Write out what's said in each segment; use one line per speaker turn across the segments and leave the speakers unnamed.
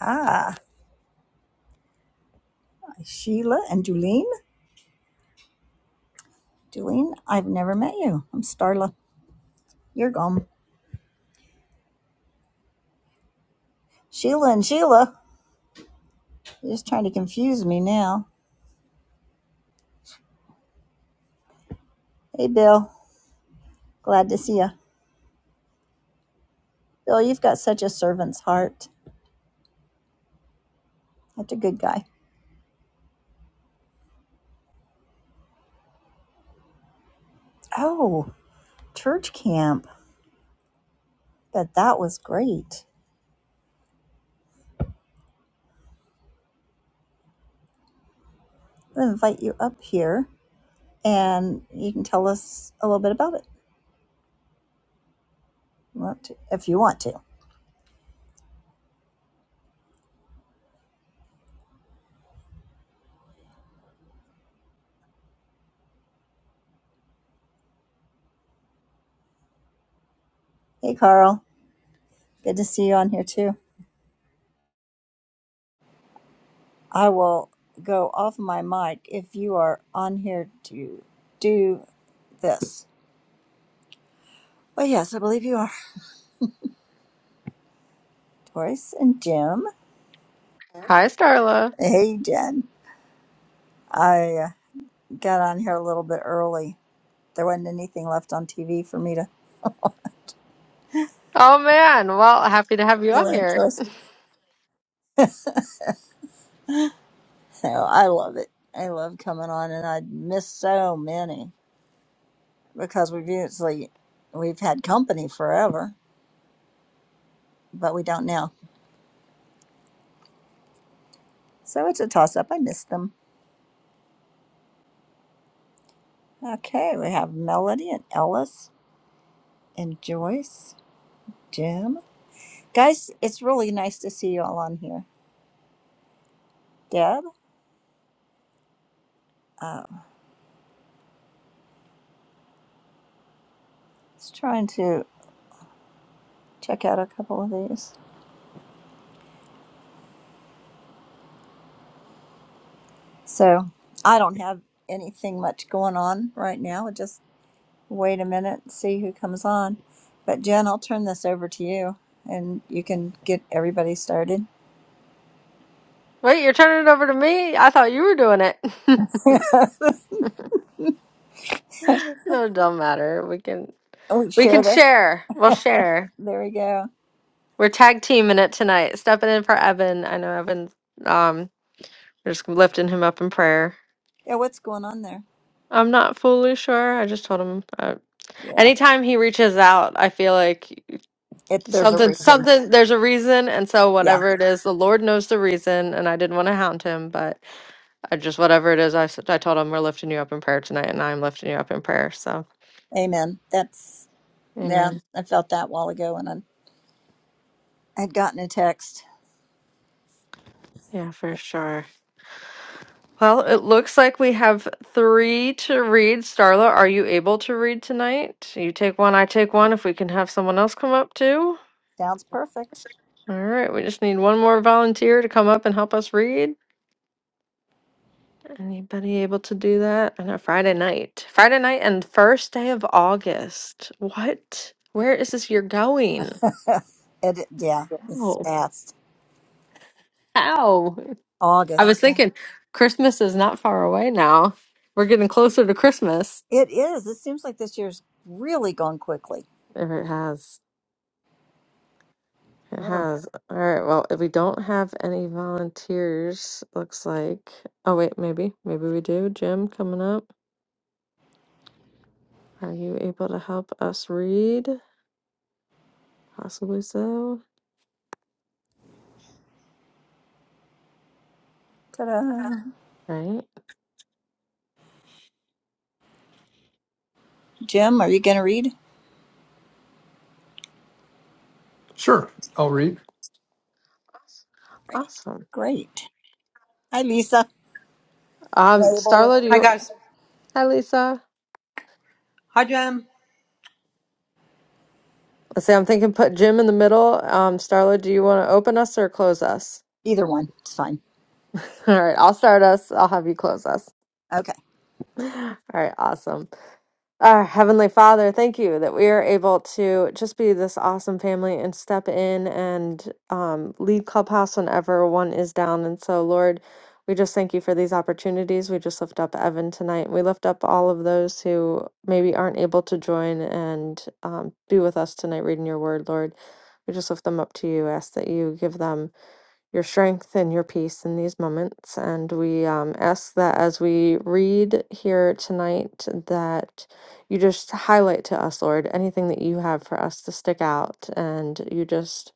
Ah, Sheila and Julene. Julene, I've never met you. I'm Starla. You're gone. Sheila and Sheila. You're just trying to confuse me now. Hey, Bill. Glad to see you. Bill, you've got such a servant's heart. That's a good guy. Oh, church camp. Bet that was great. I'm going to invite you up here and you can tell us a little bit about it if you want to. Hey, Carl. Good to see you on here, too. I will go off my mic if you are on here to do this. Well, yes, I believe you are. Doris and Jim.
Hi, Starla.
Hey, Jen. I uh, got on here a little bit early. There wasn't anything left on TV for me to
Oh man, well, happy to have you
feel
on here.
interest. so I love it. I love coming on, and I miss so many because we've usually we've had company forever, but we don't now. So it's a toss up. I miss them. Okay, we have Melody and Ellis. and Joyce, Jim. Guys, it's really nice to see you all on here. Deb, uh, just trying to check out a couple of these. So I don't have anything much going on right now. I'll just wait a minute and see who comes on. But Jen, I'll turn this over to you and you can get everybody started.
Wait, you're turning it over to me? I thought you were doing it.
we
No, it don't matter. We can we
share
can
this.
share. We'll share.
there we go.
We're tag teaming it tonight. Stepping in for Evan. I know Evan. Um, we're just lifting him up in prayer.
Yeah, what's going on there?
I'm not fully sure. I just told him. Uh,
Yeah,
anytime he reaches out, I feel like
if there's a
something,
reason.
something. There's a reason, and so
yeah.
whatever it is, the Lord knows the reason. And I didn't want to hound him, but. I just whatever it is, I s- I told him we're lifting you up in prayer tonight, and I'm lifting you up in prayer. So,
Amen. That's yeah,
Amen.
I felt that a while ago and I had gotten a text.
Yeah, for sure. Well, it looks like we have three to read. Starla, are you able to read tonight? You take one, I take one. If we can have someone else come up too.
Sounds perfect.
All right, we just need one more volunteer to come up and help us read. Anybody able to do that on a Friday night? Friday night and first day of August. What? Where is this year going?
it yeah, it's
Oh,
fast.
How? I was
August. Yeah.
thinking Christmas is not far away now. We're getting closer to Christmas.
It is. It seems like this year's really gone quickly.
There It has. It
Oh.
has. All right. Well, if we don't have any volunteers, looks like. Oh, wait, maybe. Maybe we do. Jim coming up. Are you able to help us read? Possibly so.
Ta-da.
Right.
Jim, are you gonna read?
Sure, I'll read.
Awesome.
Great. Hi Lisa.
Um,
Abel if
Starla, do
you're
Hi
you.
around.
guys.
Hi, Lisa.
Hi Jen.
Let's see. I'm thinking put Jim in the middle. Um, Starla, do you want to open us or close us?
Either one. It's fine.
All right. I'll start us. I'll have you close us.
Okay.
All right, awesome. Our Heavenly Father, thank you that we are able to just be this awesome family and step in and um, lead Clubhouse whenever one is down. And so, Lord, we just thank you for these opportunities. We just lift up Evan tonight. We lift up all of those who maybe aren't able to join and um, be with us tonight reading your word, Lord. We just lift them up to you. Ask that you give them your strength and your peace in these moments. And we um, ask that as we read here tonight, that you just highlight to us, Lord, anything that you have for us to stick out. And you just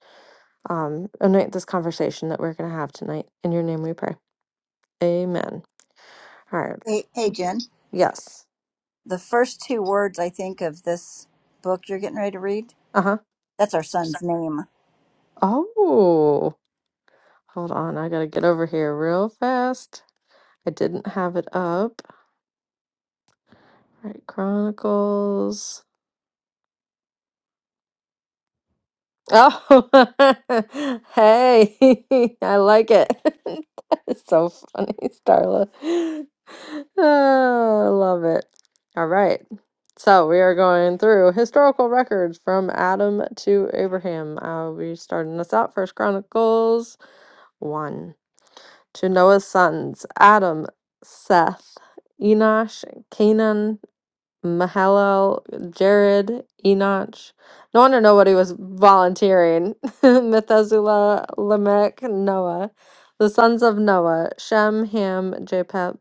um, anoint this conversation that we're going to have tonight. In your name we pray. Amen. All right.
Hey hey Jen.
Yes.
The first two words I think of this book you're getting ready to read,
Uh huh.
that's our son's name.
Oh, hold on. I got to get over here real fast. I didn't have it up. All right. Chronicles. Oh, hey, I like it. That's so funny, Starla. Oh, I love it. All right. So we are going through historical records from Adam to Abraham. I'll be starting this out. First Chronicles 1. To Noah's sons, Adam, Seth, Enosh, Canaan. Mahalo, Jared, Enoch. No wonder nobody was volunteering. Methuselah, Lamech, Noah. The sons of Noah, Shem, Ham, Japheth.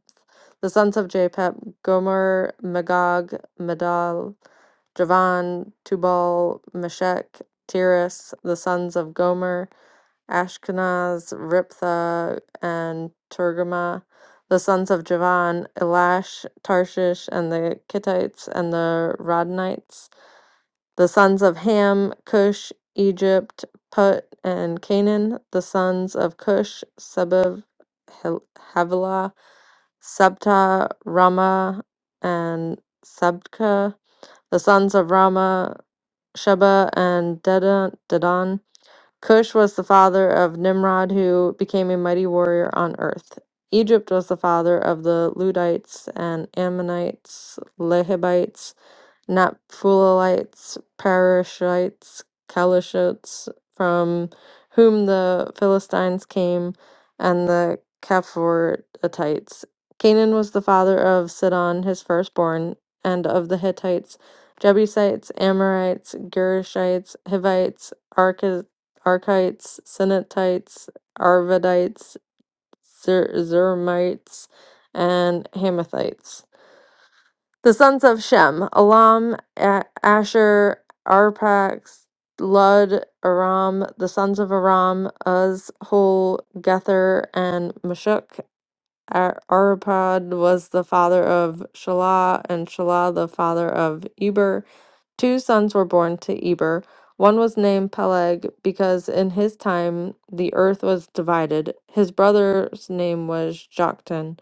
The sons of Japheth, Gomer, Magog, Medal, Javan, Tubal, Meshech, Tiras. The sons of Gomer, Ashkenaz, Riptha, and Tergama the sons of Javan, Elash, Tarshish, and the Kittites and the Rodanites, the sons of Ham, Cush, Egypt, Put, and Canaan, the sons of Cush, Sebeb, Hel- Havilah, Sabta, Rama, and Sabka, the sons of Rama, Sheba, and Dedan, Dedan, Cush was the father of Nimrod, who became a mighty warrior on earth. Egypt was the father of the Ludites and Ammonites, Lehibites, Naphtalites, Parishites, Calishites, from whom the Philistines came, and the Caphaitites. Canaan was the father of Sidon, his firstborn, and of the Hittites, Jebusites, Amorites, Girgashites, Hivites, Archi- Archites, Sinatites, Arvadites, Zer- Zermites, and Hamathites. The sons of Shem, Elam, A- Asher, Arpax, Lud, Aram, the sons of Aram, Uz, Hul, Gether, and Mashuk. Ar- Arpad was the father of Shelah, and Shelah the father of Eber. Two sons were born to Eber. One was named Peleg because in his time the earth was divided. His brother's name was Joktan.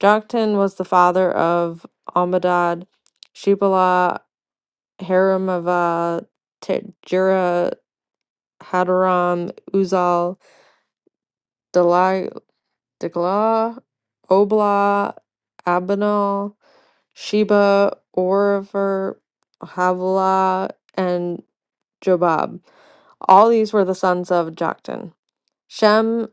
Joktan was the father of Ammadad, Shebalah, Haramavah, Jera, Hadaram, Uzal, Delai, Deglah, Oblah, Abinal, Sheba, Orifer, Havilah, and Jobab. All these were the sons of Joktan Shem,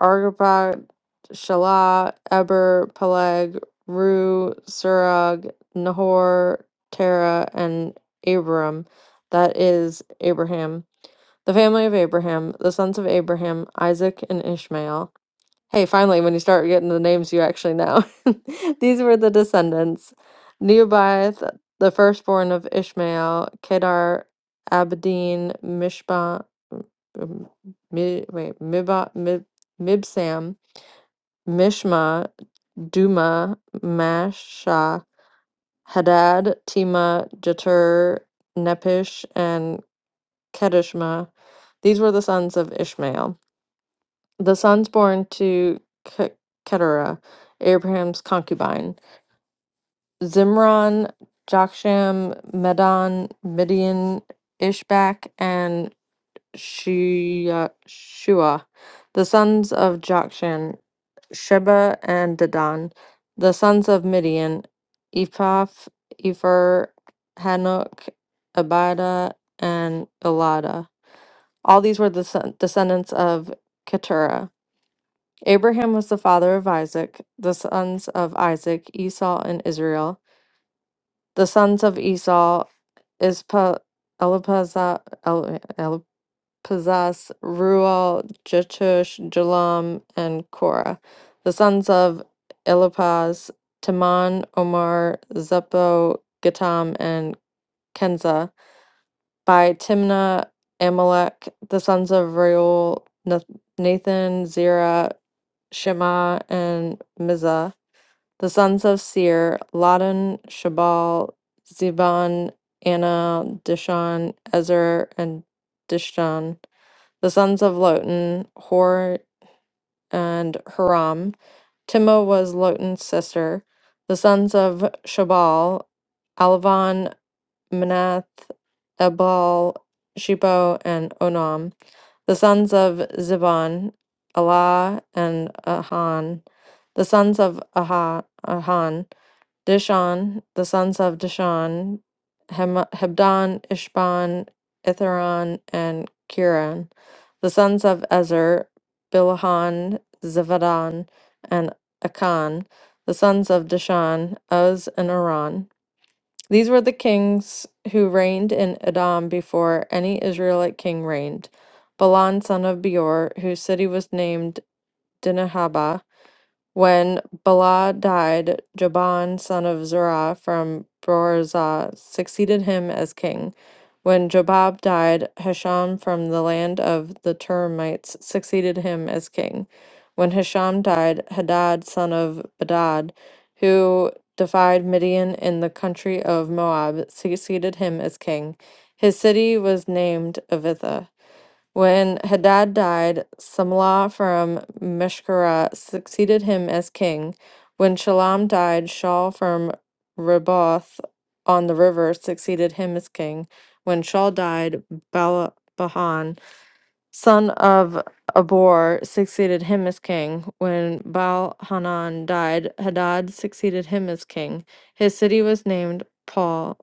Arpad, Shelah, Eber, Peleg, Ru, Surag, Nahor, Terah, and Abram. That is Abraham. The family of Abraham, the sons of Abraham, Isaac, and Ishmael. Hey, finally, when you start getting the names you actually know. These were the descendants Neobith, the firstborn of Ishmael, Kedar, Abedin, Mishba, m- mi, wait, Miba, Mib, Mibsam, Mishma, Duma, Masha, Hadad, Tima, Jeter, Nepish, and Kedishma. These were the sons of Ishmael. The sons born to Ke- Keturah, Abraham's concubine, Zimron, Joksham, Medan, Midian, Ishbak, and Shua. Shua. The sons of Joksham, Sheba and Dedan. The sons of Midian, Ephah, Epher, Hanok, Abida, and Elada. All these were the son- descendants of Keturah. Abraham was the father of Isaac, the sons of Isaac, Esau, and Israel. The sons of Esau, Ispa, Elipazah, El- Elipazas, Ruel, Jetush, Jalam, and Korah. The sons of Elipaz, Taman, Omar, Zepho, Gatam, and Kenza. By Timnah, Amalek, the sons of Reuel, Nath- Nathan, Zerah, Shema, and Mizah the sons of Seir, Ladan, Shabal, Ziban, Anna, Dishan, Ezer, and Dishan. The sons of Lotan, Hor and Haram. Timna was Lotan's sister. The sons of Shabal, Alvan, Manath, Ebal, Shebo, and Onam. The sons of Ziban, Elah, and Ahan. The sons of Aha, Ahan. Dishon, the sons of Dishon, Hem- Hebdan, Ishban, Itheron, and Kiran, the sons of Ezer, Bilhan, Zivadan, and Akan, the sons of Dishon, Uz, and Aran. These were the kings who reigned in Edom before any Israelite king reigned. Balan, son of Beor, whose city was named Dinahaba. When Bala died, Jaban, son of Zerah from Borazah, succeeded him as king. When Jobab died, Hisham from the land of the Termites succeeded him as king. When Hisham died, Hadad, son of Bedad, who defied Midian in the country of Moab, succeeded him as king. His city was named Avitha. When Hadad died, Samlah from Meshkara succeeded him as king. When Shalom died, Shaul from Reboth on the river succeeded him as king. When Shaul died, Bala son of Abor, succeeded him as king. When Baal Hanan died, Hadad succeeded him as king. His city was named Paul,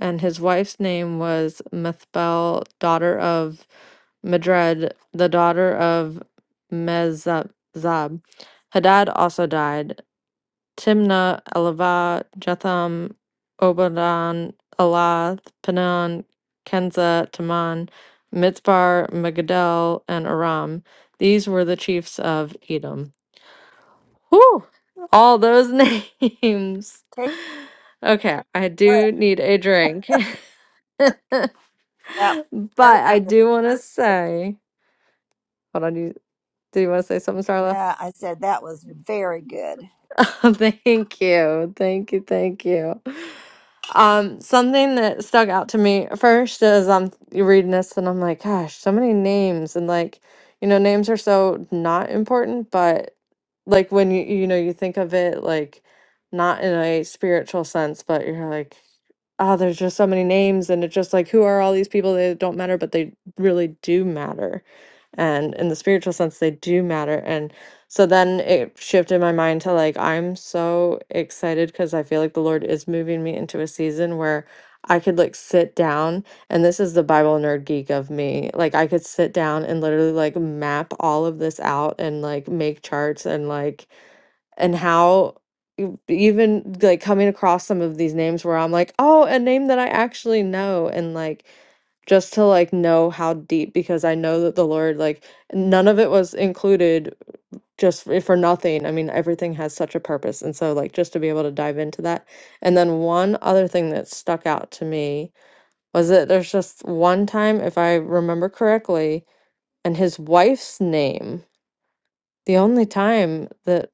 and his wife's name was Methbel, daughter of Madred, the daughter of Mezab. Hadad also died. Timnah, Elavah, Jetham, Obadan, Elath, Panan, Kenza, Taman, Mitzbar, Megadel, and Aram. These were the chiefs of Edom. Whew! All those names.
Take
Okay, I
care
do need a drink. but
of that
I do want to say, hold on, do you, do you want to say something,
No,
Starla?
I said that was very good.
thank you. Thank you. Thank you. Um, something that stuck out to me at first is I'm reading this and I'm like, gosh, so many names and like, you know, names are so not important, but like when you you know you think of it like not in a spiritual sense, but you're like, oh, there's just so many names and it's just like who are all these people that don't matter, but they really do matter. And in the spiritual sense, they do matter. So then it shifted my mind to like, I'm so excited because I feel like the Lord is moving me into a season where I could like sit down, and this is the Bible nerd geek of me. Like, I could sit down and literally like map all of this out and like make charts and like, and how e- even like coming across some of these names where I'm like, oh, a name that I actually know, and like, just to like know how deep because I know that the Lord like none of it was included just if for nothing. I mean, everything has such a purpose. And so, like, just to be able to dive into that. And then, one other thing that stuck out to me was that there's just one time, if I remember correctly, and his wife's name, the only time that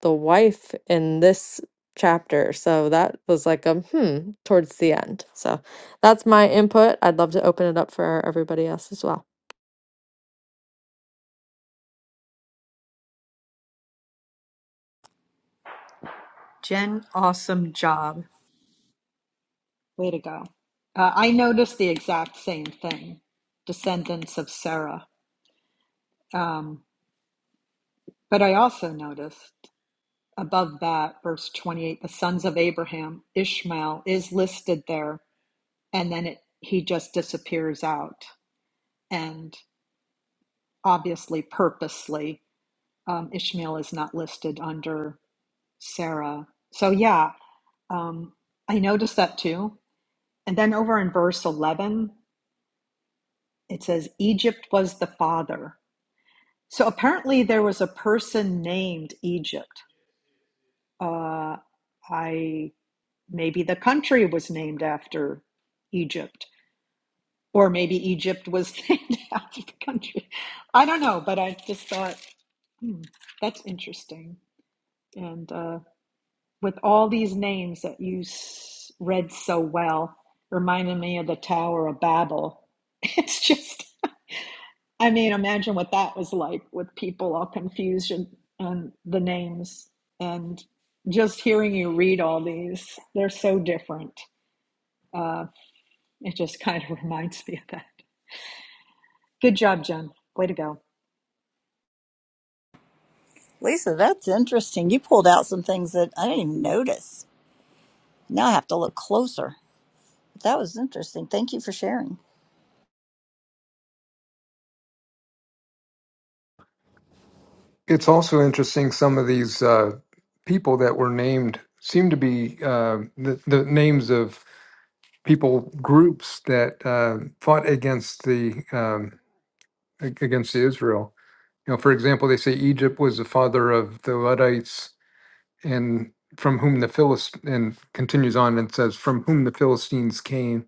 the wife in this chapter. So, that was like a hmm towards the end. So, that's my input. I'd love to open it up for everybody else as well.
Jen, awesome job. Way to go. Uh, I noticed the exact same thing, descendants of Sarah. Um, but I also noticed above that, verse 28, the sons of Abraham, Ishmael is listed there, and then it, he just disappears out. And obviously, purposely, um, Ishmael is not listed under Sarah. So, yeah, um, I noticed that too. And then over in verse 11, It says Egypt was the father. So apparently there was a person named Egypt. Uh, I maybe the country was named after Egypt, or maybe Egypt was named after the country. I don't know, but I just thought hmm, that's interesting. And uh, with all these names that you s- read so well, reminded me of the Tower of Babel. It's just I mean, imagine what that was like with people all confused and, and the names and just hearing you read all these. They're so different. It just kind of reminds me of that. Good job, Jen. Way to go.
Lisa, that's interesting. You pulled out some things that I didn't even notice. Now I have to look closer. That was interesting. Thank you for sharing.
It's also interesting some of these uh, people that were named seem to be uh, the, the names of people groups that uh, fought against the um, ag- against the Israel. You know, for example, they say Egypt was the father of the Luddites, and from whom the Philist and continues on and says from whom the Philistines came,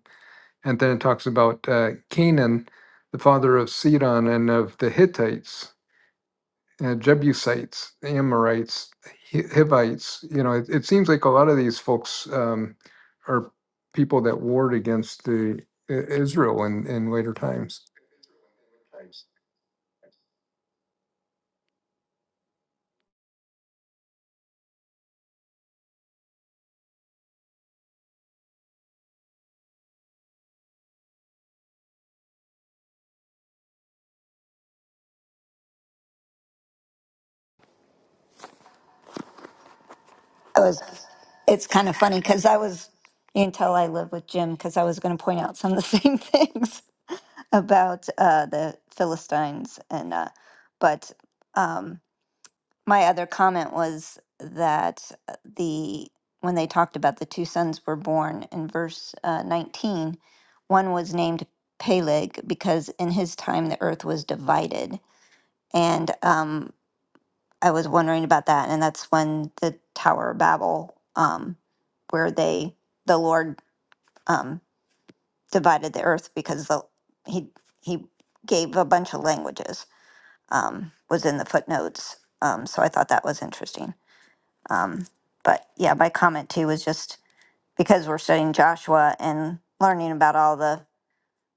and then it talks about uh, Canaan, the father of Sidon and of the Hittites uh, Jebusites, Amorites, Hi- Hivites. You know, it, it seems like a lot of these folks um, are people that warred against the I- Israel in, in later times.
I was. It's kind of funny because I was. You can tell I live with Jim because I was going to point out some of the same things about uh, the Philistines, and uh, but um, my other comment was that uh, the when they talked about the two sons were born in verse uh, 19, one was named Peleg because in his time the earth was divided, and um, I was wondering about that, and that's when the Tower of Babel, um, where they the Lord um, divided the earth because the he he gave a bunch of languages um, was in the footnotes. Um, so I thought that was interesting. Um, but yeah, my comment too was just because we're studying Joshua and learning about all the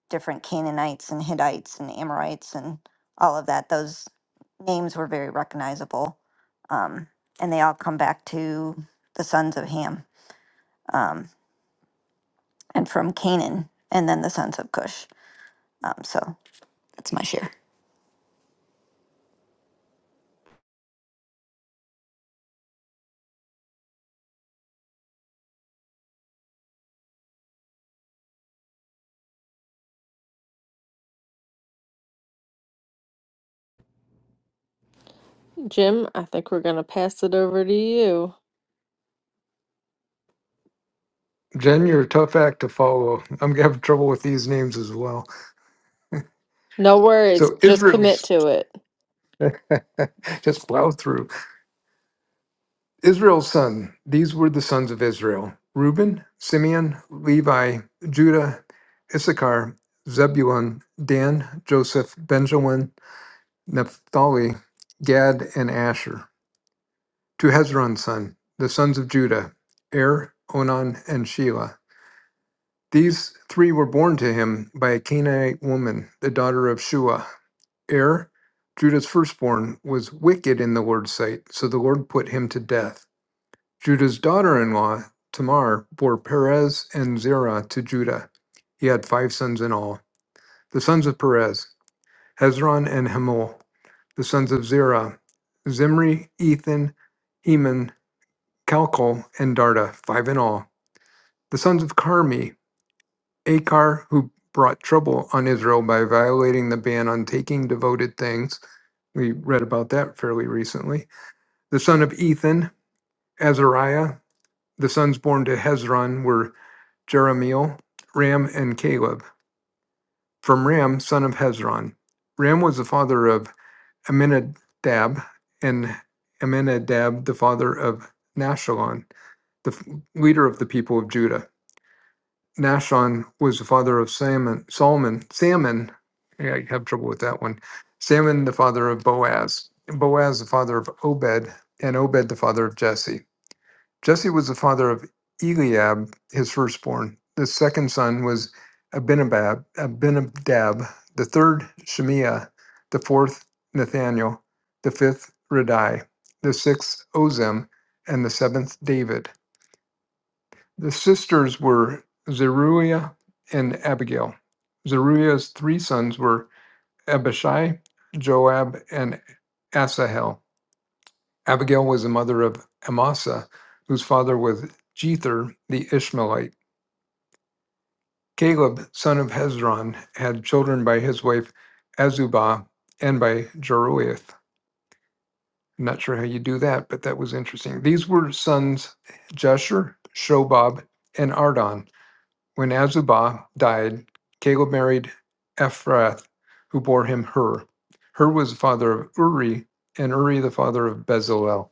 different Canaanites and Hittites and Amorites and all of that. Those names were very recognizable. Um, and they all come back to the sons of Ham um, and from Canaan and then the sons of Cush. Um, so that's my share.
Jim, I think we're going to pass it over to you.
Jen, you're a tough act to follow. I'm having trouble with these names as well.
No worries.
So
Just commit
Israel's
to it.
just plow through. Israel's son. These were the sons of Israel: Reuben, Simeon, Levi, Judah, Issachar, Zebulun, Dan, Joseph, Benjamin. Naphtali, Gad, and Asher, to Hezron's son, the sons of Judah, Er, Onan, and Shelah. These three were born to him by a Canaanite woman, the daughter of Shua. Er, Judah's firstborn, was wicked in the Lord's sight, so the Lord put him to death. Judah's daughter in law, Tamar, bore Perez and Zerah to Judah. He had five sons in all. The sons of Perez. Hezron and Hamul. The sons of Zerah, Zimri, Ethan, Eman, Calcol, and Darda, five in all. The sons of Carmi, Akar, who brought trouble on Israel by violating the ban on taking devoted things. We read about that fairly recently. The son of Ethan, Azariah. The sons born to Hezron were Jeremiel, Ram, and Caleb. From Ram, son of Hezron. Ram was the father of Aminadab, and Aminadab, the father of Nashon, the f- leader of the people of Judah. Nashon was the father of Salmon. Solomon, Salmon, yeah, I have trouble with that one. Salmon, the father of Boaz. Boaz, the father of Obed, and Obed, the father of Jesse. Jesse was the father of Eliab, his firstborn. The second son was Abinadab, Abinadab. the third Shemiah, the fourth Nathaniel, the fifth Radai, the sixth Ozem, and the seventh David. The sisters were Zeruiah and Abigail. Zeruiah's three sons were Abishai, Joab, and Asahel. Abigail was the mother of Amasa, whose father was Jether the Ishmaelite. Caleb, son of Hezron, had children by his wife Azubah and by Jeruith. I'm not sure how you do that, but that was interesting. These were sons Jeshur, Shobab, and Ardon. When Azubah died, Caleb married Ephrath, who bore him Hur. Hur was the father of Uri, and Uri the father of Bezalel.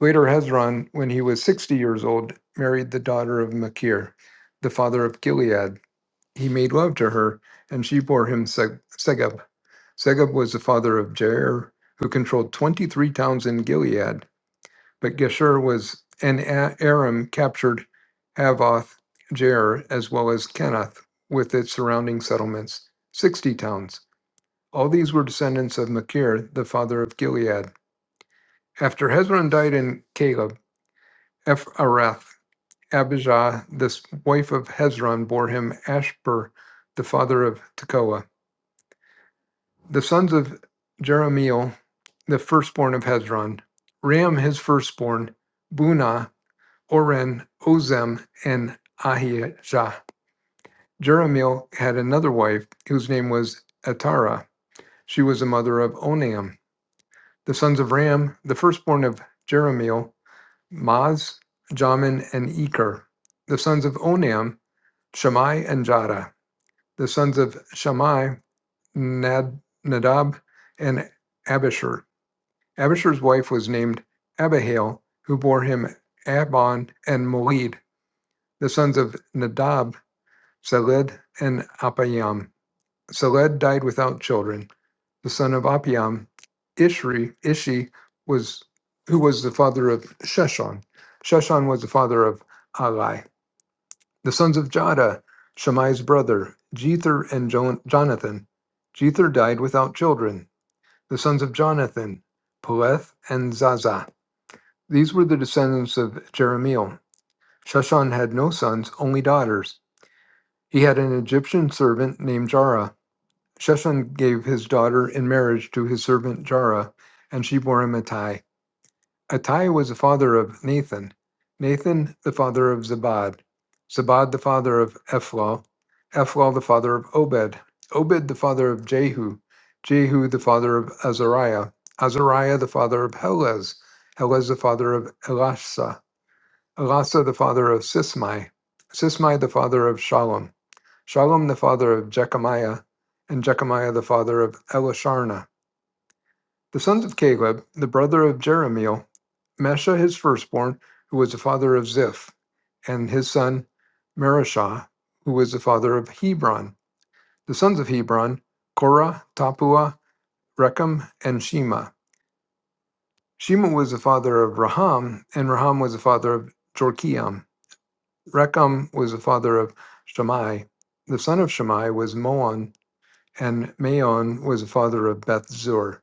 Later, Hezron, when he was 60 years old, married the daughter of Machir, the father of Gilead. He made love to her, and she bore him Se- Segub. Segub was the father of Jair, who controlled 23 towns in Gilead. But Geshur was and Aram captured Havoth, Jair, as well as Kenath with its surrounding settlements, 60 towns. All these were descendants of Machir, the father of Gilead. After Hezron died in Caleb, Ephrath Abijah, the wife of Hezron, bore him Ashbur, the father of Tekoa. The sons of Jeremiel, the firstborn of Hezron, Ram his firstborn, Bunah, Oren, Ozem, and Ahijah. Jeremiel had another wife whose name was Atara. She was the mother of Onam. The sons of Ram, the firstborn of Jeremiel, Maz, Jamin, and Eker. The sons of Onam, Shammai and Jada. the sons of Shammai, Nad, Nadab, and Abishur. Abishur's wife was named Abihail, who bore him Abon and Molid. The sons of Nadab, Seled and Apiam. Seled died without children. The son of Apiam, Ishri, Ishi, was who was the father of Sheshon. Sheshon was the father of Ali. The sons of Jada, Shammai's brother, Jether and Jo- Jonathan. Jether died without children. The sons of Jonathan, Peleth and Zaza. These were the descendants of Jeremiel. Sheshan had no sons, only daughters. He had an Egyptian servant named Jara. Sheshan gave his daughter in marriage to his servant Jara, and she bore him Attai. Attai was the father of Nathan, Nathan the father of Zabad, Zabad the father of Ephlal, Ephlal the father of Obed, Obed the father of Jehu, Jehu the father of Azariah, Azariah the father of Helez, Helez the father of Elasa, Elasa the father of Sismai, Sismai the father of Shalom, Shalom the father of Jechamiah, and Jechamiah the father of Elisharna. The sons of Caleb, the brother of Jeremiel, Mesha his firstborn, who was the father of Ziph, and his son Merishah, who was the father of Hebron. The sons of Hebron, Korah, Tapua, Rechem, and Shema. Shema was the father of Raham, and Raham was the father of Jorkiam. Rechem was the father of Shammai. The son of Shammai was Moan, and Maon was the father of Beth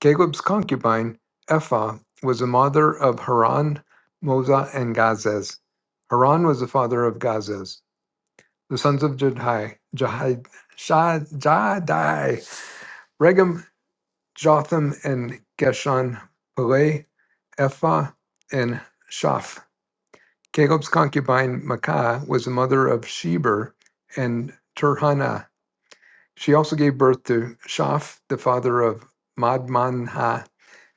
Caleb's concubine, Ephah, was the mother of Haran, Moza, and Gazez. Haran was the father of Gazez. The sons of Jadai, Jahai, Shah- Jadai, Regem, Jotham, and Geshon, Peleh, Ephah, and Shaph. Caleb's concubine, Makah, was the mother of Sheber and Turhana. She also gave birth to Shaph, the father of Madmanha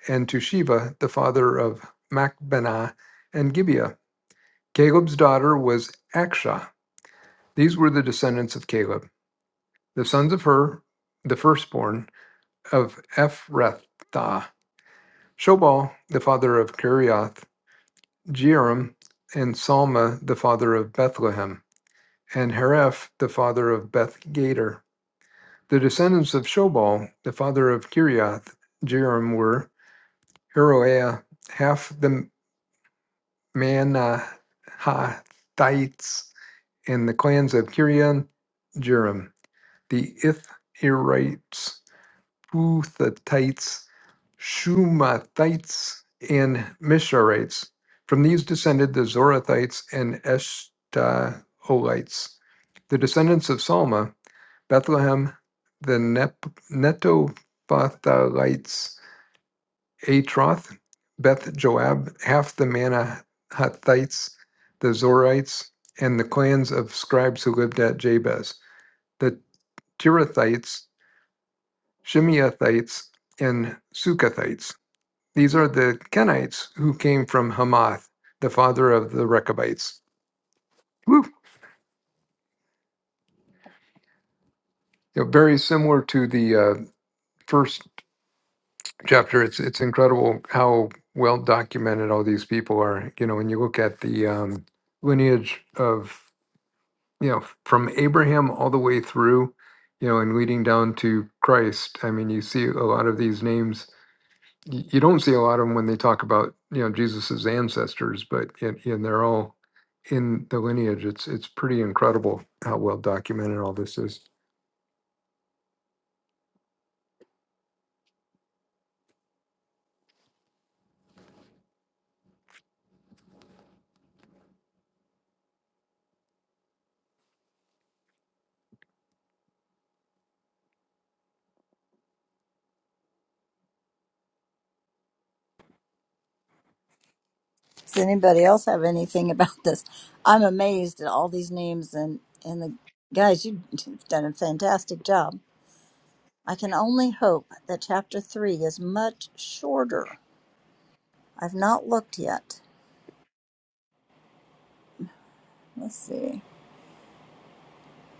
and to Sheva, the father of Machbenah and Gibeah. Caleb's daughter was Akshah. These were the descendants of Caleb, the sons of Hur, the firstborn of Ephrathah, Shobal, the father of Kiriath, Jearim, and Salma, the father of Bethlehem, and Hareph, the father of Beth Gader. The descendants of Shobal, the father of Kiriath, Jearim, were Heroiah, half the Mannahathites, and the clans of Kirion Jearim, the Ithirites, Puthatites, Shumathites, and Misharites. From these descended the Zorathites and Eshtaolites. The descendants of Salma, Bethlehem, the Nep- Netophthalites, Atroth, Beth Joab, half the Manahathites, the Zorites, and the clans of scribes who lived at Jabez, the Tirathites, Shimeathites, and Sukathites. These are the Kenites who came from Hamath, the father of the Rechabites. Woo! You know, very similar to the uh, first chapter. It's it's incredible how well documented all these people are. You know, when you look at the um, lineage of you know, from Abraham all the way through, you know, and leading down to Christ. I mean, you see a lot of these names. y- You don't see a lot of them when they talk about you know Jesus's ancestors, but and, and they're all in the lineage. It's it's pretty incredible how well documented all this is.
Does anybody else have anything about this? I'm amazed at all these names and and the guys. you- You've done a fantastic job. I can only hope that chapter three is much shorter. I've not looked yet. Let's see.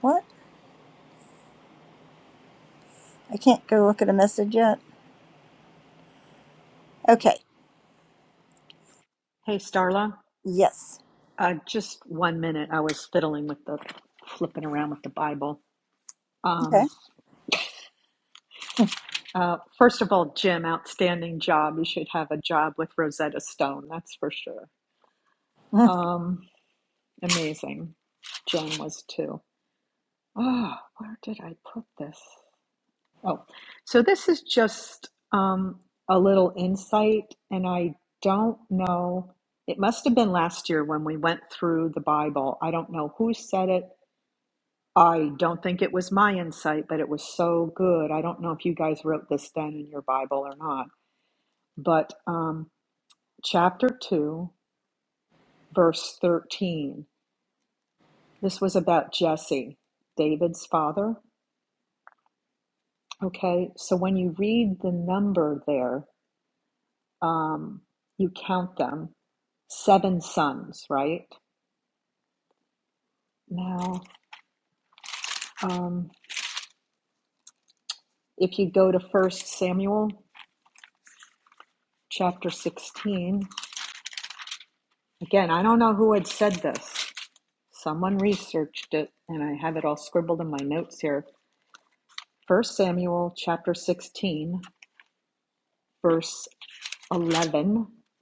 What? I can't go look at a message yet. Okay.
Hey, Starla.
Yes.
Uh, just one minute. I was fiddling with the flipping around with the Bible. Um,
Okay.
uh, first of all, Jim, outstanding job. You should have a job with Rosetta Stone. That's for sure. Um, amazing. Jen was too. Oh, where did I put this? Oh, so this is just um, a little insight, and I don't know. It must have been last year when we went through the Bible. I don't know who said it. I don't think it was my insight, but it was so good. I don't know if you guys wrote this down in your Bible or not. But um, chapter 2, verse 13, this was about Jesse, David's father. Okay, so when you read the number there, um, you count them, seven sons, right? Now, um, if you go to First Samuel chapter 16, again, I don't know who had said this. Someone researched it, and I have it all scribbled in my notes here. First Samuel chapter 16, verse 11. I'm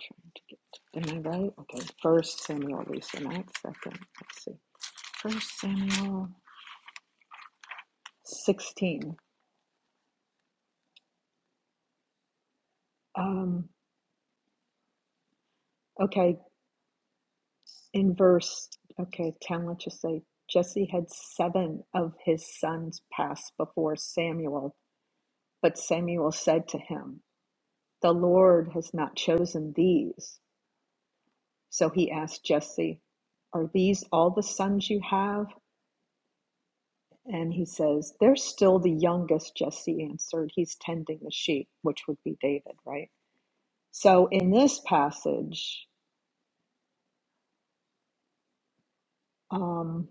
trying to get, am I right? Okay, First Samuel, Lisa, not second. Let's see. First Samuel 16. Um, okay, in verse, okay, 10, let's just say Jesse had seven of his sons pass before Samuel, but Samuel said to him, The Lord has not chosen these. So he asked Jesse, Are these all the sons you have? And he says, They're still the youngest, Jesse answered. He's tending the sheep, which would be David, right? So in this passage, um,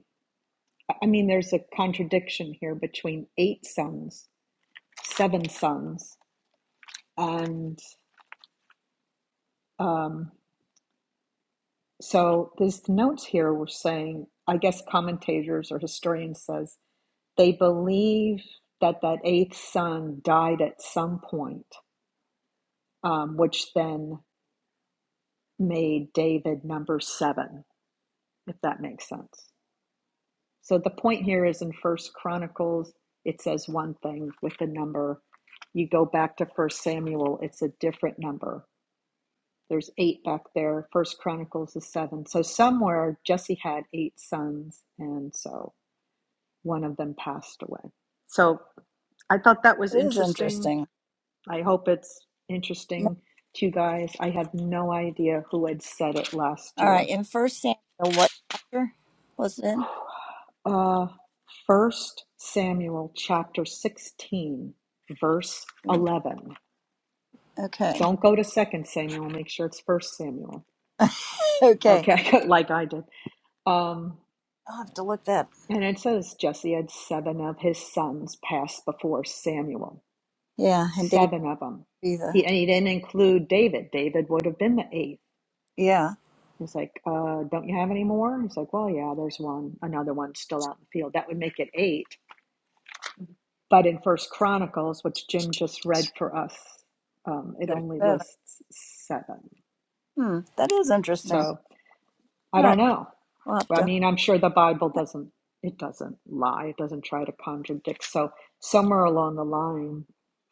I I mean, there's a contradiction here between eight sons seven sons. And um, so these notes here were saying, I guess commentators or historians says they believe that that eighth son died at some point, um, which then made David number seven, if that makes sense. So the point here is in First Chronicles, it says one thing with the number. You go back to First Samuel, it's a different number There's eight back there. First Chronicles is seven. So somewhere Jesse had eight sons, and so one of them passed away. So I thought that was
It is
interesting.
interesting.
I hope it's interesting to you guys. I had no idea who had said it last
All right,
year.
in First Samuel, what chapter was it? in?
Uh, First Samuel chapter 16, verse
Mm,
11.
Okay,
Don't go to Second Samuel. Make sure it's First Samuel.
okay.
Okay, like I did. Um,
I'll have to look that.
And it says Jesse had seven of his sons pass before Samuel.
Yeah, and David
Seven of them.
be the
He, and he didn't include David. David would have been the eighth.
yeah.
He's like, uh, don't you have any more? He's like, well, yeah, there's one, another one still out in the field. That would make it eight. But in First Chronicles, which Jim just read for us, um, it
There's
only
seven.
lists seven.
Hmm, that is interesting.
So
All
I don't
right,
know.
we'll have
Well, I
to.
mean, I'm sure the Bible doesn't it doesn't lie. It doesn't try to contradict. So somewhere along the line,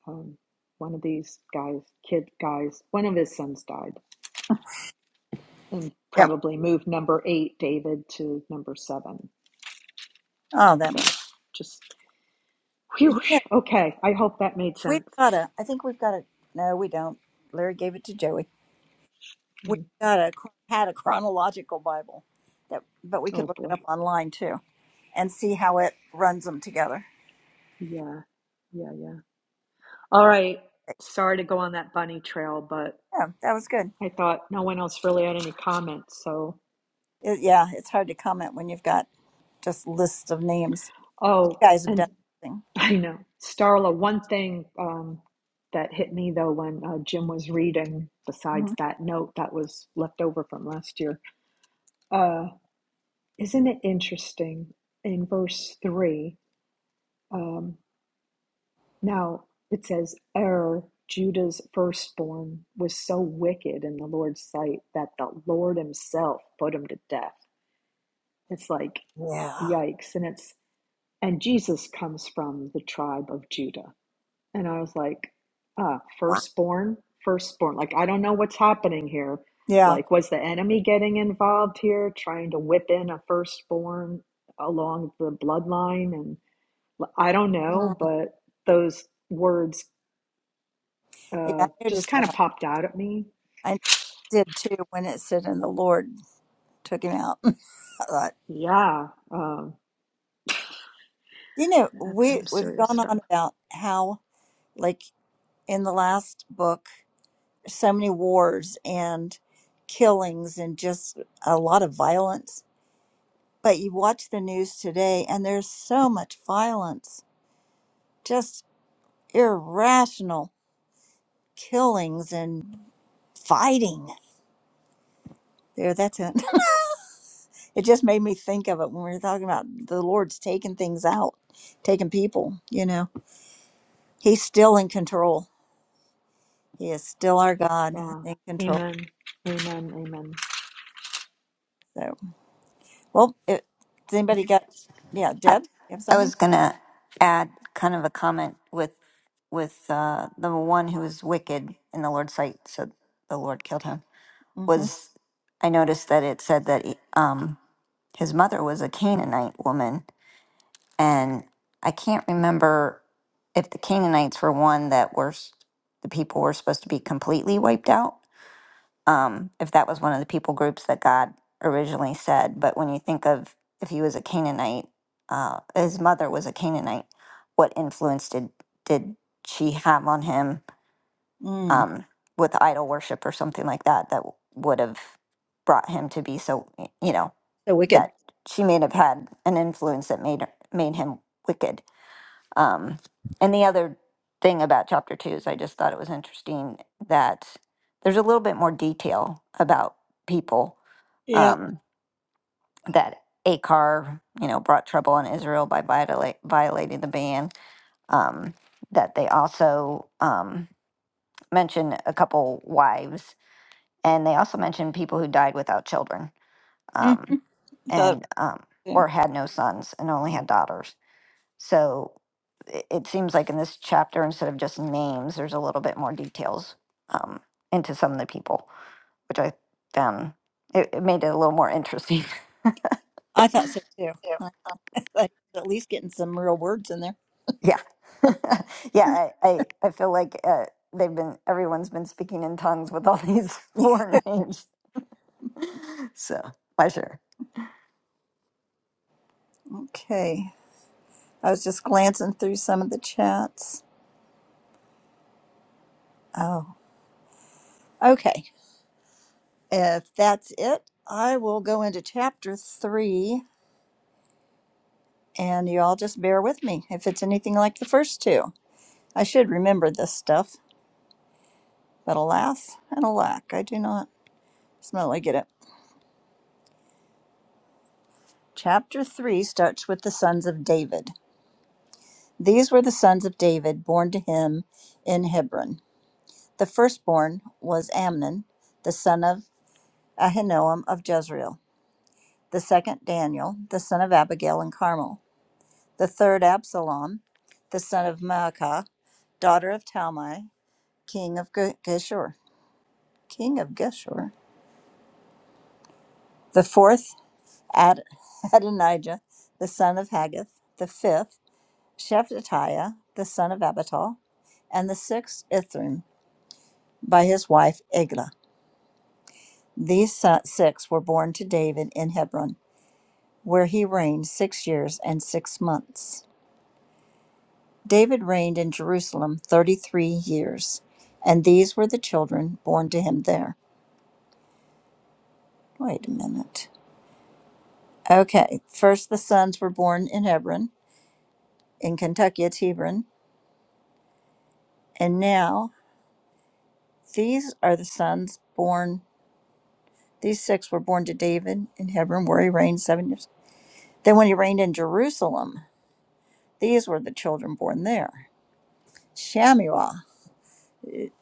um, one of these guys, kid guys, one of his sons died, and
Yeah.
probably moved number eight, David, to number seven.
Oh, that
So
might.
just whew.
You
Okay, I hope that made
we've
sense.
got a. I think we've got a. No, we don't. Larry gave it to Joey. We
Mm,
got a had a chronological Bible that, but we could
Oh
look it
boy,
up online too and see how it runs them together.
yeah, yeah, yeah. All right. Sorry to go on that bunny trail, but
Yeah, that was good.
I thought no one else really had any comments. So,
It, yeah, it's hard to comment when you've got just lists of names. You
oh,
guys have done
and
everything.
I know. Starla, one thing um, that hit me though when uh, Jim was reading, besides
Mhm.
that note that was left over from last year, uh, isn't it interesting in verse 3? Um, now it says, Er, Judah's firstborn, was so wicked in the Lord's sight that the Lord himself put him to death. It's like,
Yeah.
yikes. And it's, and Jesus comes from the tribe of Judah. And I was like, "Ah,
Wow.
firstborn, firstborn. Like, I don't know what's happening here.
Yeah.
Like, was the enemy getting involved here, trying to whip in a firstborn along the bloodline? And l- I don't
Mm.
know, but those words
yeah,
uh,
I
just
noticed
kind of
that.
popped out at me.
I did too when it said, "And the Lord took him out." I thought,
Yeah. Um,
you know,
That's
we
some
we've
serious
gone
stuff.
on about how, like in the last book, so many wars and killings and just a lot of violence. But you watch the news today, and there's so much violence, just irrational. killings and fighting. There, that's it. It just made me think of it when we were talking about the Lord's taking things out, taking people, you know. He's still in control. He is still our God
Yeah.
in control.
Amen. Amen. Amen.
So, well, it, does anybody got, yeah,
I,
Deb, you have
I
something?
was going to add kind of a comment with with uh, the one who was wicked in the Lord's sight, so the Lord killed him,
Mm-hmm.
was I noticed that it said that he- um, his mother was a Canaanite woman And I can't remember if the Canaanites were one that were s- the people were supposed to be completely wiped out. Um, if that was one of the people groups that God originally said, but when you think of if he was a Canaanite, uh, his mother was a Canaanite, what influence did did she have on him
Mm.
um, with idol worship or something like that that would have brought him to be so you know
So wicked.
that she may have had an influence that made her, made him wicked um, and the other thing about chapter two is I just thought it was interesting that there's a little bit more detail about people
Yeah.
um, that Akar, you know, brought trouble on Israel by viola- violating the ban. Um, that they also um, mention a couple wives, and they also mention people who died without children,
Mm.
um,
I thought,
and um,
yeah.
or had no sons and only had daughters. So it, it seems like in this chapter, instead of just names, there's a little bit more details um, into some of the people, which I found it, it made it a little more interesting.
I thought so too.
Yeah.
I thought he was at least getting some real words in there.
Yeah. yeah. I, I, I feel like uh, they've been, everyone's been speaking in tongues with all these foreign names. So, pleasure.
Okay. I was just glancing through some of the chats. Oh, okay. If that's it, I will go into chapter three, and you all just bear with me if it's anything like the first two. I should remember this stuff, but alas and alack, I do not. It's not like I get it. Chapter three starts with the sons of David. These were the sons of David born to him in Hebron. The firstborn was Amnon, the son of Ahinoam of Jezreel. The second, Daniel, the son of Abigail and Carmel the third Absalom, the son of Maacah, daughter of Talmai, king of Ge- Geshur, king of Geshur, the fourth Ad- Adonijah, the son of Haggith, the fifth Shephatiah, the son of Abital, and the sixth Ithrim by his wife Eglah. These so- six were born to David in Hebron, where he reigned six years and six months. David reigned in Jerusalem 33 years, and these were the children born to him there. Wait a minute. Okay, first the sons were born in Hebron, in Kentucky, it's Hebron, and now these are the sons born, these six were born to David in Hebron, where he reigned seven years. Then when he reigned in Jerusalem, these were the children born there Shamuel,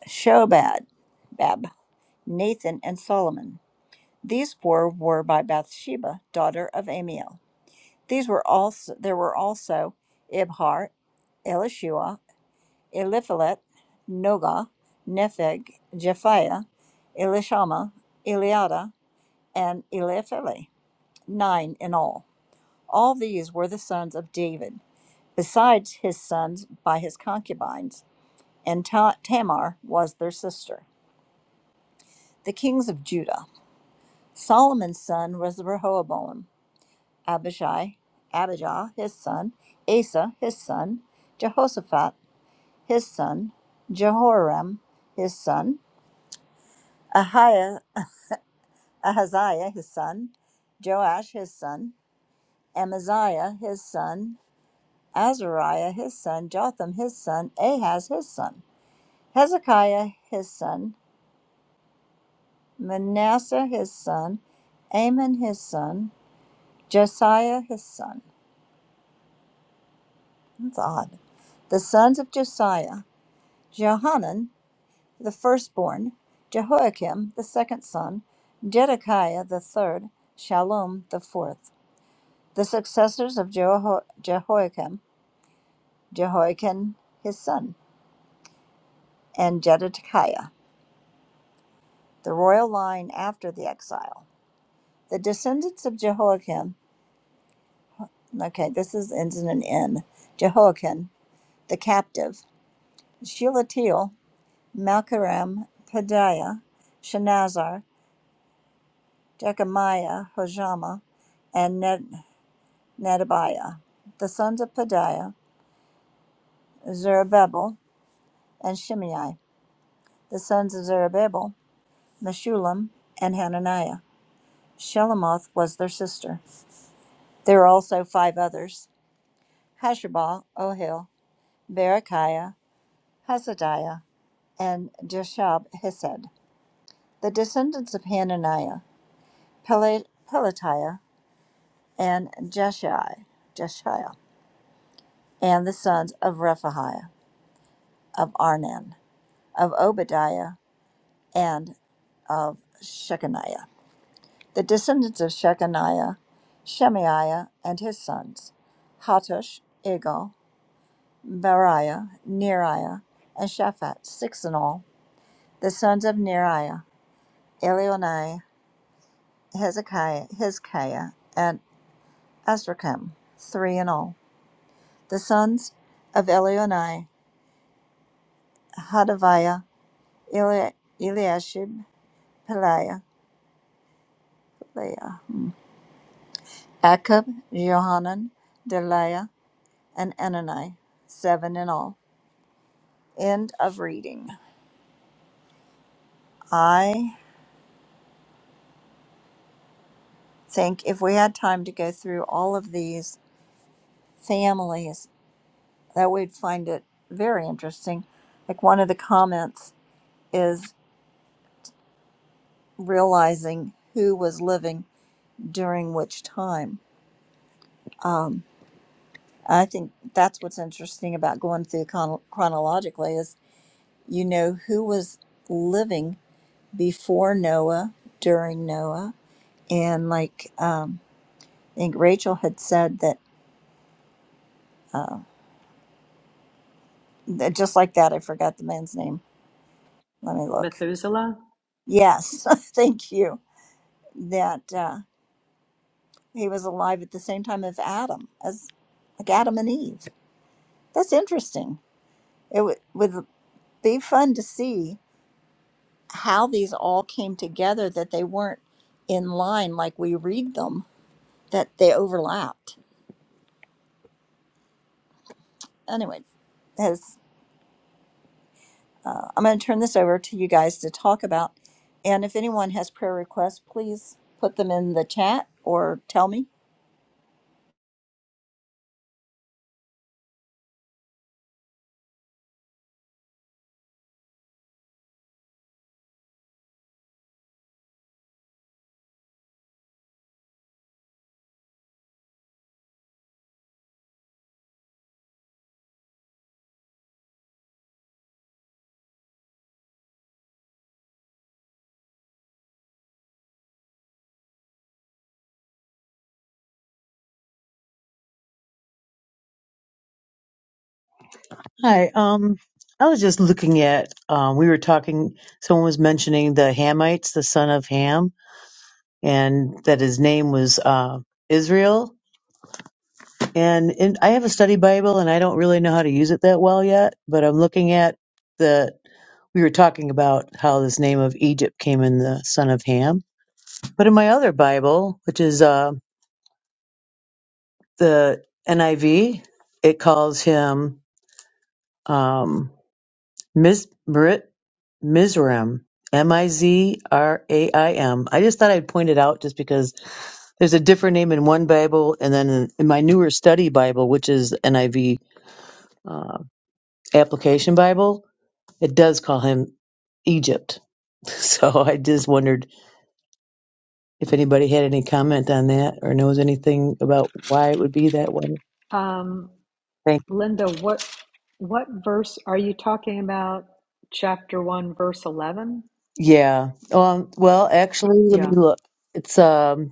Shobad, Bab, Nathan, and Solomon. These four were by Bathsheba, daughter of Amiel. These were also there were also Ibhar, Elishua, Eliphelet, Noga, Nepheg, Japhiah, Elishama, Eliada, and Eliphele, nine in all. All these were the sons of David, besides his sons by his concubines, and Ta- Tamar was their sister. The kings of Judah. Solomon's son was Rehoboam, Abishai, Abijah, his son, Asa, his son, Jehoshaphat, his son, Jehoram, his son, Ahiah, Ahaziah, his son, Joash, his son, Amaziah, his son, Azariah, his son, Jotham, his son, Ahaz, his son, Hezekiah, his son, Manasseh, his son, Amon, his son, Josiah, his son. That's odd. The sons of Josiah, Johanan, the firstborn, Jehoiakim the second son, Jedekiah the third, Shallum the fourth, the successors of Jeho- Jehoiakim, Jehoiakim his son, and Jedekiah, the royal line after the exile. The descendants of Jehoiakim, okay, this is ends in an N, Jehoiakim, the captive, Shelatiel, Malchiram, Pedaiah, Shenazar, Jechemiah, Hojama, and Nethanel. Nettobiah, the sons of Pedaiah, Zerubbabel, and Shimei. The sons of Zerubbabel, Meshullam, and Hananiah. Shelomoth was their sister. There were also five others, Hashabah, Ohil, Berechiah, Hasadiah, and Jeshab Hesed. The descendants of Hananiah, Pele- Pelatiah, and Jeshai, Jeshiah, and the sons of Rephaiah, of Arnan, of Obadiah, and of Shechaniah, the descendants of Shechaniah, Shemaiah and his sons, Hattush, Igal, Bariah, Neriah, and Shaphat, six in all, the sons of Neriah, Elionai, Hezekiah, Hezekiah, and Azrikam, three in all, the sons of Elionai, Hadaviah, Eli- Eliashib, Peliah, Peliah, hmm, Akab, Johanan, Deliah, and Enani, seven in all. End of reading. I think if we had time to go through all of these families, that we'd find it very interesting. Like one of the comments is realizing who was living during which time. Um, I think that's what's interesting about going through chron- chronologically is you know who was living before Noah, during Noah, and like um, I think Rachel had said that, uh, that just like that, I forgot the man's name. Let me look.
But uh,
Yes, thank you. That uh, he was alive at the same time as Adam, as like Adam and Eve. That's interesting. It w- would be fun to see how these all came together, that they weren't in line like we read them, that they overlapped. Anyway, as. uh, I'm going to turn this over to you guys to talk about. And if anyone has prayer requests, please put them in the chat or tell me.
Hi. Um, I was just looking at, um, we were talking, someone was mentioning the Hamites, the son of Ham, and that his name was uh, Israel. And in, I have a study Bible and I don't really know how to use it that well yet, but I'm looking at the, we were talking about how this name of Egypt came in the son of Ham. But in my other Bible, which is uh, the NIV, it calls him. Um, Mizraim, M-I-Z-R-A-I-M. M I Z R A I M. I just thought I'd point it out just because there's a different name in one Bible, and then in, in my newer study Bible, which is NIV uh, application Bible, it does call him Egypt. So I just wondered if anybody had any comment on that or knows anything about why it would be that way.
um,
Thank.
Linda, what what verse are you talking about? Chapter one, verse eleven.
Yeah. Um. Well, actually, let me
Yeah.
look. It's um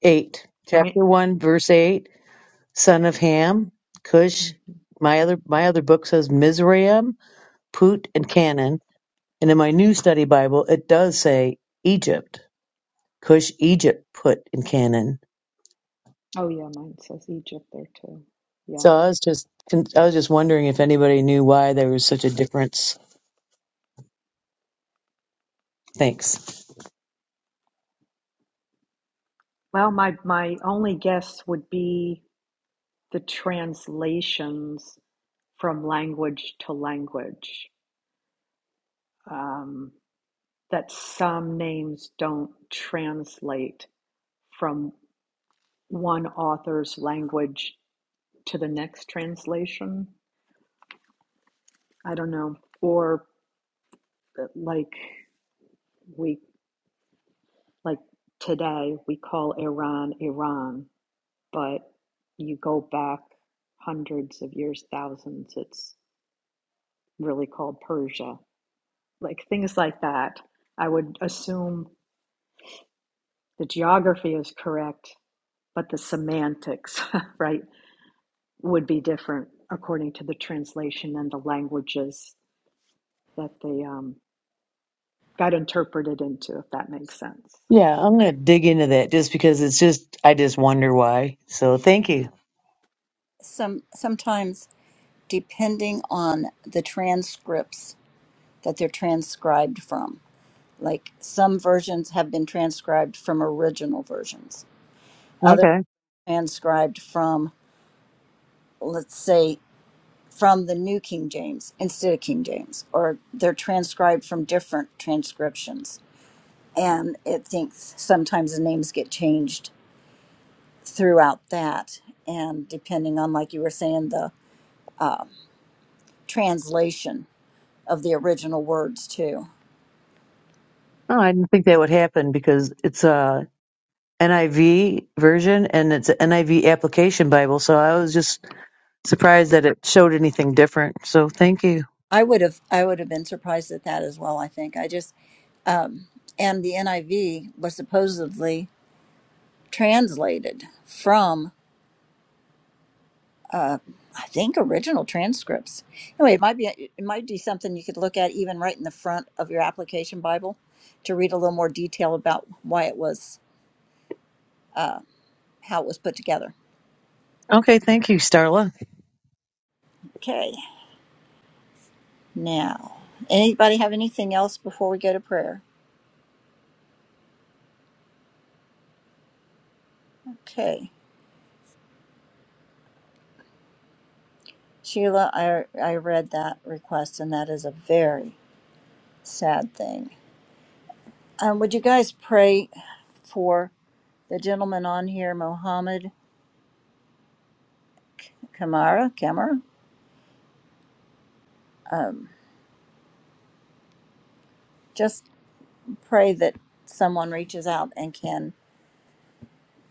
eight,
I mean.
chapter one, verse eight Son of Ham, Cush.
mm-hmm.
My other my other book says Mizraim, Put, and Canaan, and in my new study Bible it does say Egypt, Cush, Egypt, Put, and Canaan.
Oh yeah, mine says Egypt there too. Yeah.
So I was just I was just wondering if anybody knew why there was such a difference. Thanks.
Well, my my only guess would be the translations from language to language. Um, that some names don't translate from one author's language to the next translation. I don't know. Or uh, like we like today we call Iran Iran but you go back hundreds of years, thousands, it's really called Persia. Like things like that. I would assume the geography is correct, but the semantics, right, would be different according to the translation and the languages that they um, got interpreted into, if that makes sense.
Yeah, I'm gonna dig into that just because it's just I just wonder why. So thank you.
Some sometimes, depending on the transcripts that they're transcribed from, like some versions have been transcribed from original versions, others
Okay.
transcribed from, let's say, from the New King James instead of King James, or they're transcribed from different transcriptions and it thinks sometimes the names get changed throughout that and depending on like you were saying the translation of the original words too
Oh, I didn't think that would happen because it's a NIV version and it's an NIV application Bible. So I was just Surprised that it showed anything different. So thank you.
i would have i would have been surprised at that as well i think i just and the niv was supposedly translated from i think original transcripts anyway it might be it might be something you could look at even right in the front of your application bible to read a little more detail about why it was how it was put together
Okay, thank you, Starla.
okay Now, anybody have anything else before we go to prayer? Okay. Sheila, I, I read that request, and that is a very sad thing. Um, would you guys pray for the gentleman on here, Mohammed Kamara? Kamara? Um, just pray that someone reaches out and can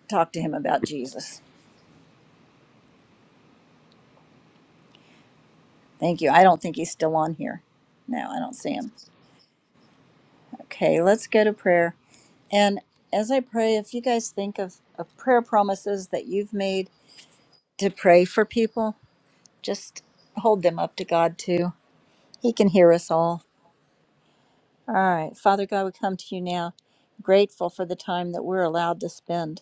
talk to him about Jesus. Thank you. I don't think he's still on here. No, I don't see him. Okay, let's go to prayer. And as I pray, if you guys think of, of prayer promises that you've made to pray for people, just hold them up to God too. He can hear us all. All right. Father God, we come to you now, grateful for the time that we're allowed to spend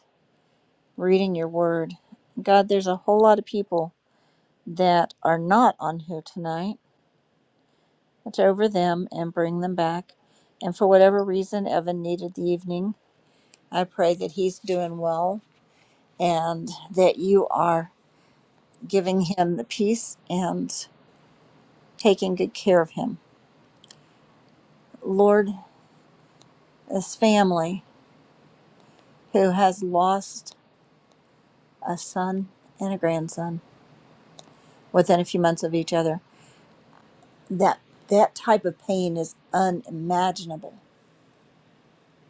reading your word. God, there's a whole lot of people that are not on here tonight. It's over them and bring them back. And for whatever reason, Evan needed the evening. I pray that he's doing well and that you are giving him the peace and taking good care of him. Lord, this family who has lost a son and a grandson within a few months of each other, that that type of pain is unimaginable.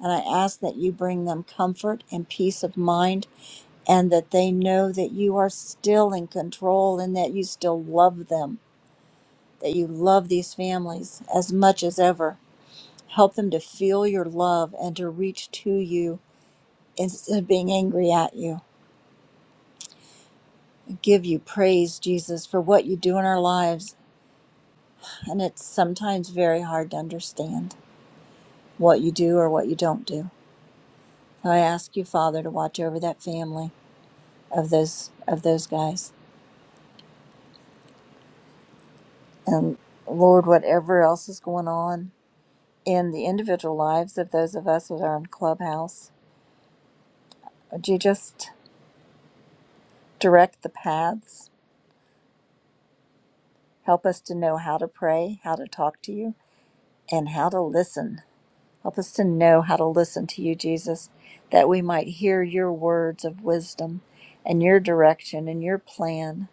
And I ask that you bring them comfort and peace of mind and that they know that you are still in control and that you still love them, that you love these families as much as ever. Help them to feel your love and to reach to you instead of being angry at you. I give you praise, Jesus, for what you do in our lives. And it's sometimes very hard to understand what you do or what you don't do. So I ask you, Father, to watch over that family of those of those guys. And Lord, whatever else is going on in the individual lives of those of us that are in Clubhouse, would you just direct the paths? Help us to know how to pray, how to talk to you, and how to listen Help us to know how to listen to you, Jesus, that we might hear your words of wisdom and your direction and your plan,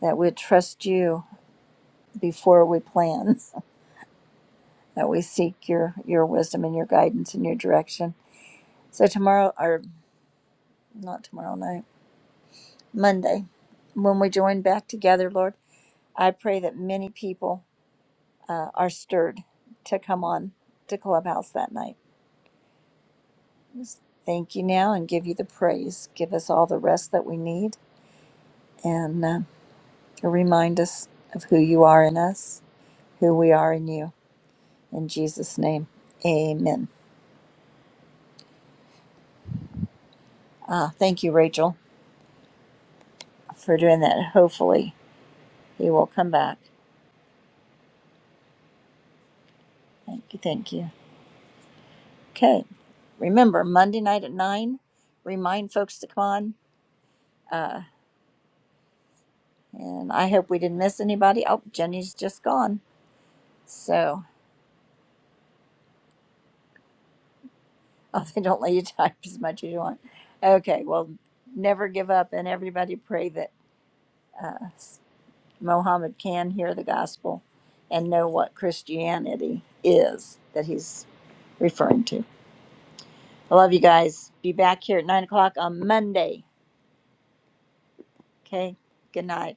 that we trust you before we plan, that we seek your, your wisdom and your guidance and your direction. So, tomorrow, or not tomorrow night, Monday, when we join back together, Lord, I pray that many people uh, are stirred to come on to Clubhouse that night. Just Thank you now and give you the praise. Give us all the rest that we need and uh, remind us of who you are in us, who we are in you. In Jesus' name, amen. Ah, thank you, Rachel, for doing that. Hopefully, he will come back. Thank you, thank you. Okay, remember, Monday night at 9, remind folks to come on. Uh, and I hope we didn't miss anybody. Oh, Jenny's just gone. So, oh, they don't let you type as much as you want. Okay, well, never give up, and everybody pray that. uh, Mohammed can hear the gospel and know what Christianity is that he's referring to. I love you guys. Be back here at nine o'clock on Monday. Okay. Good night.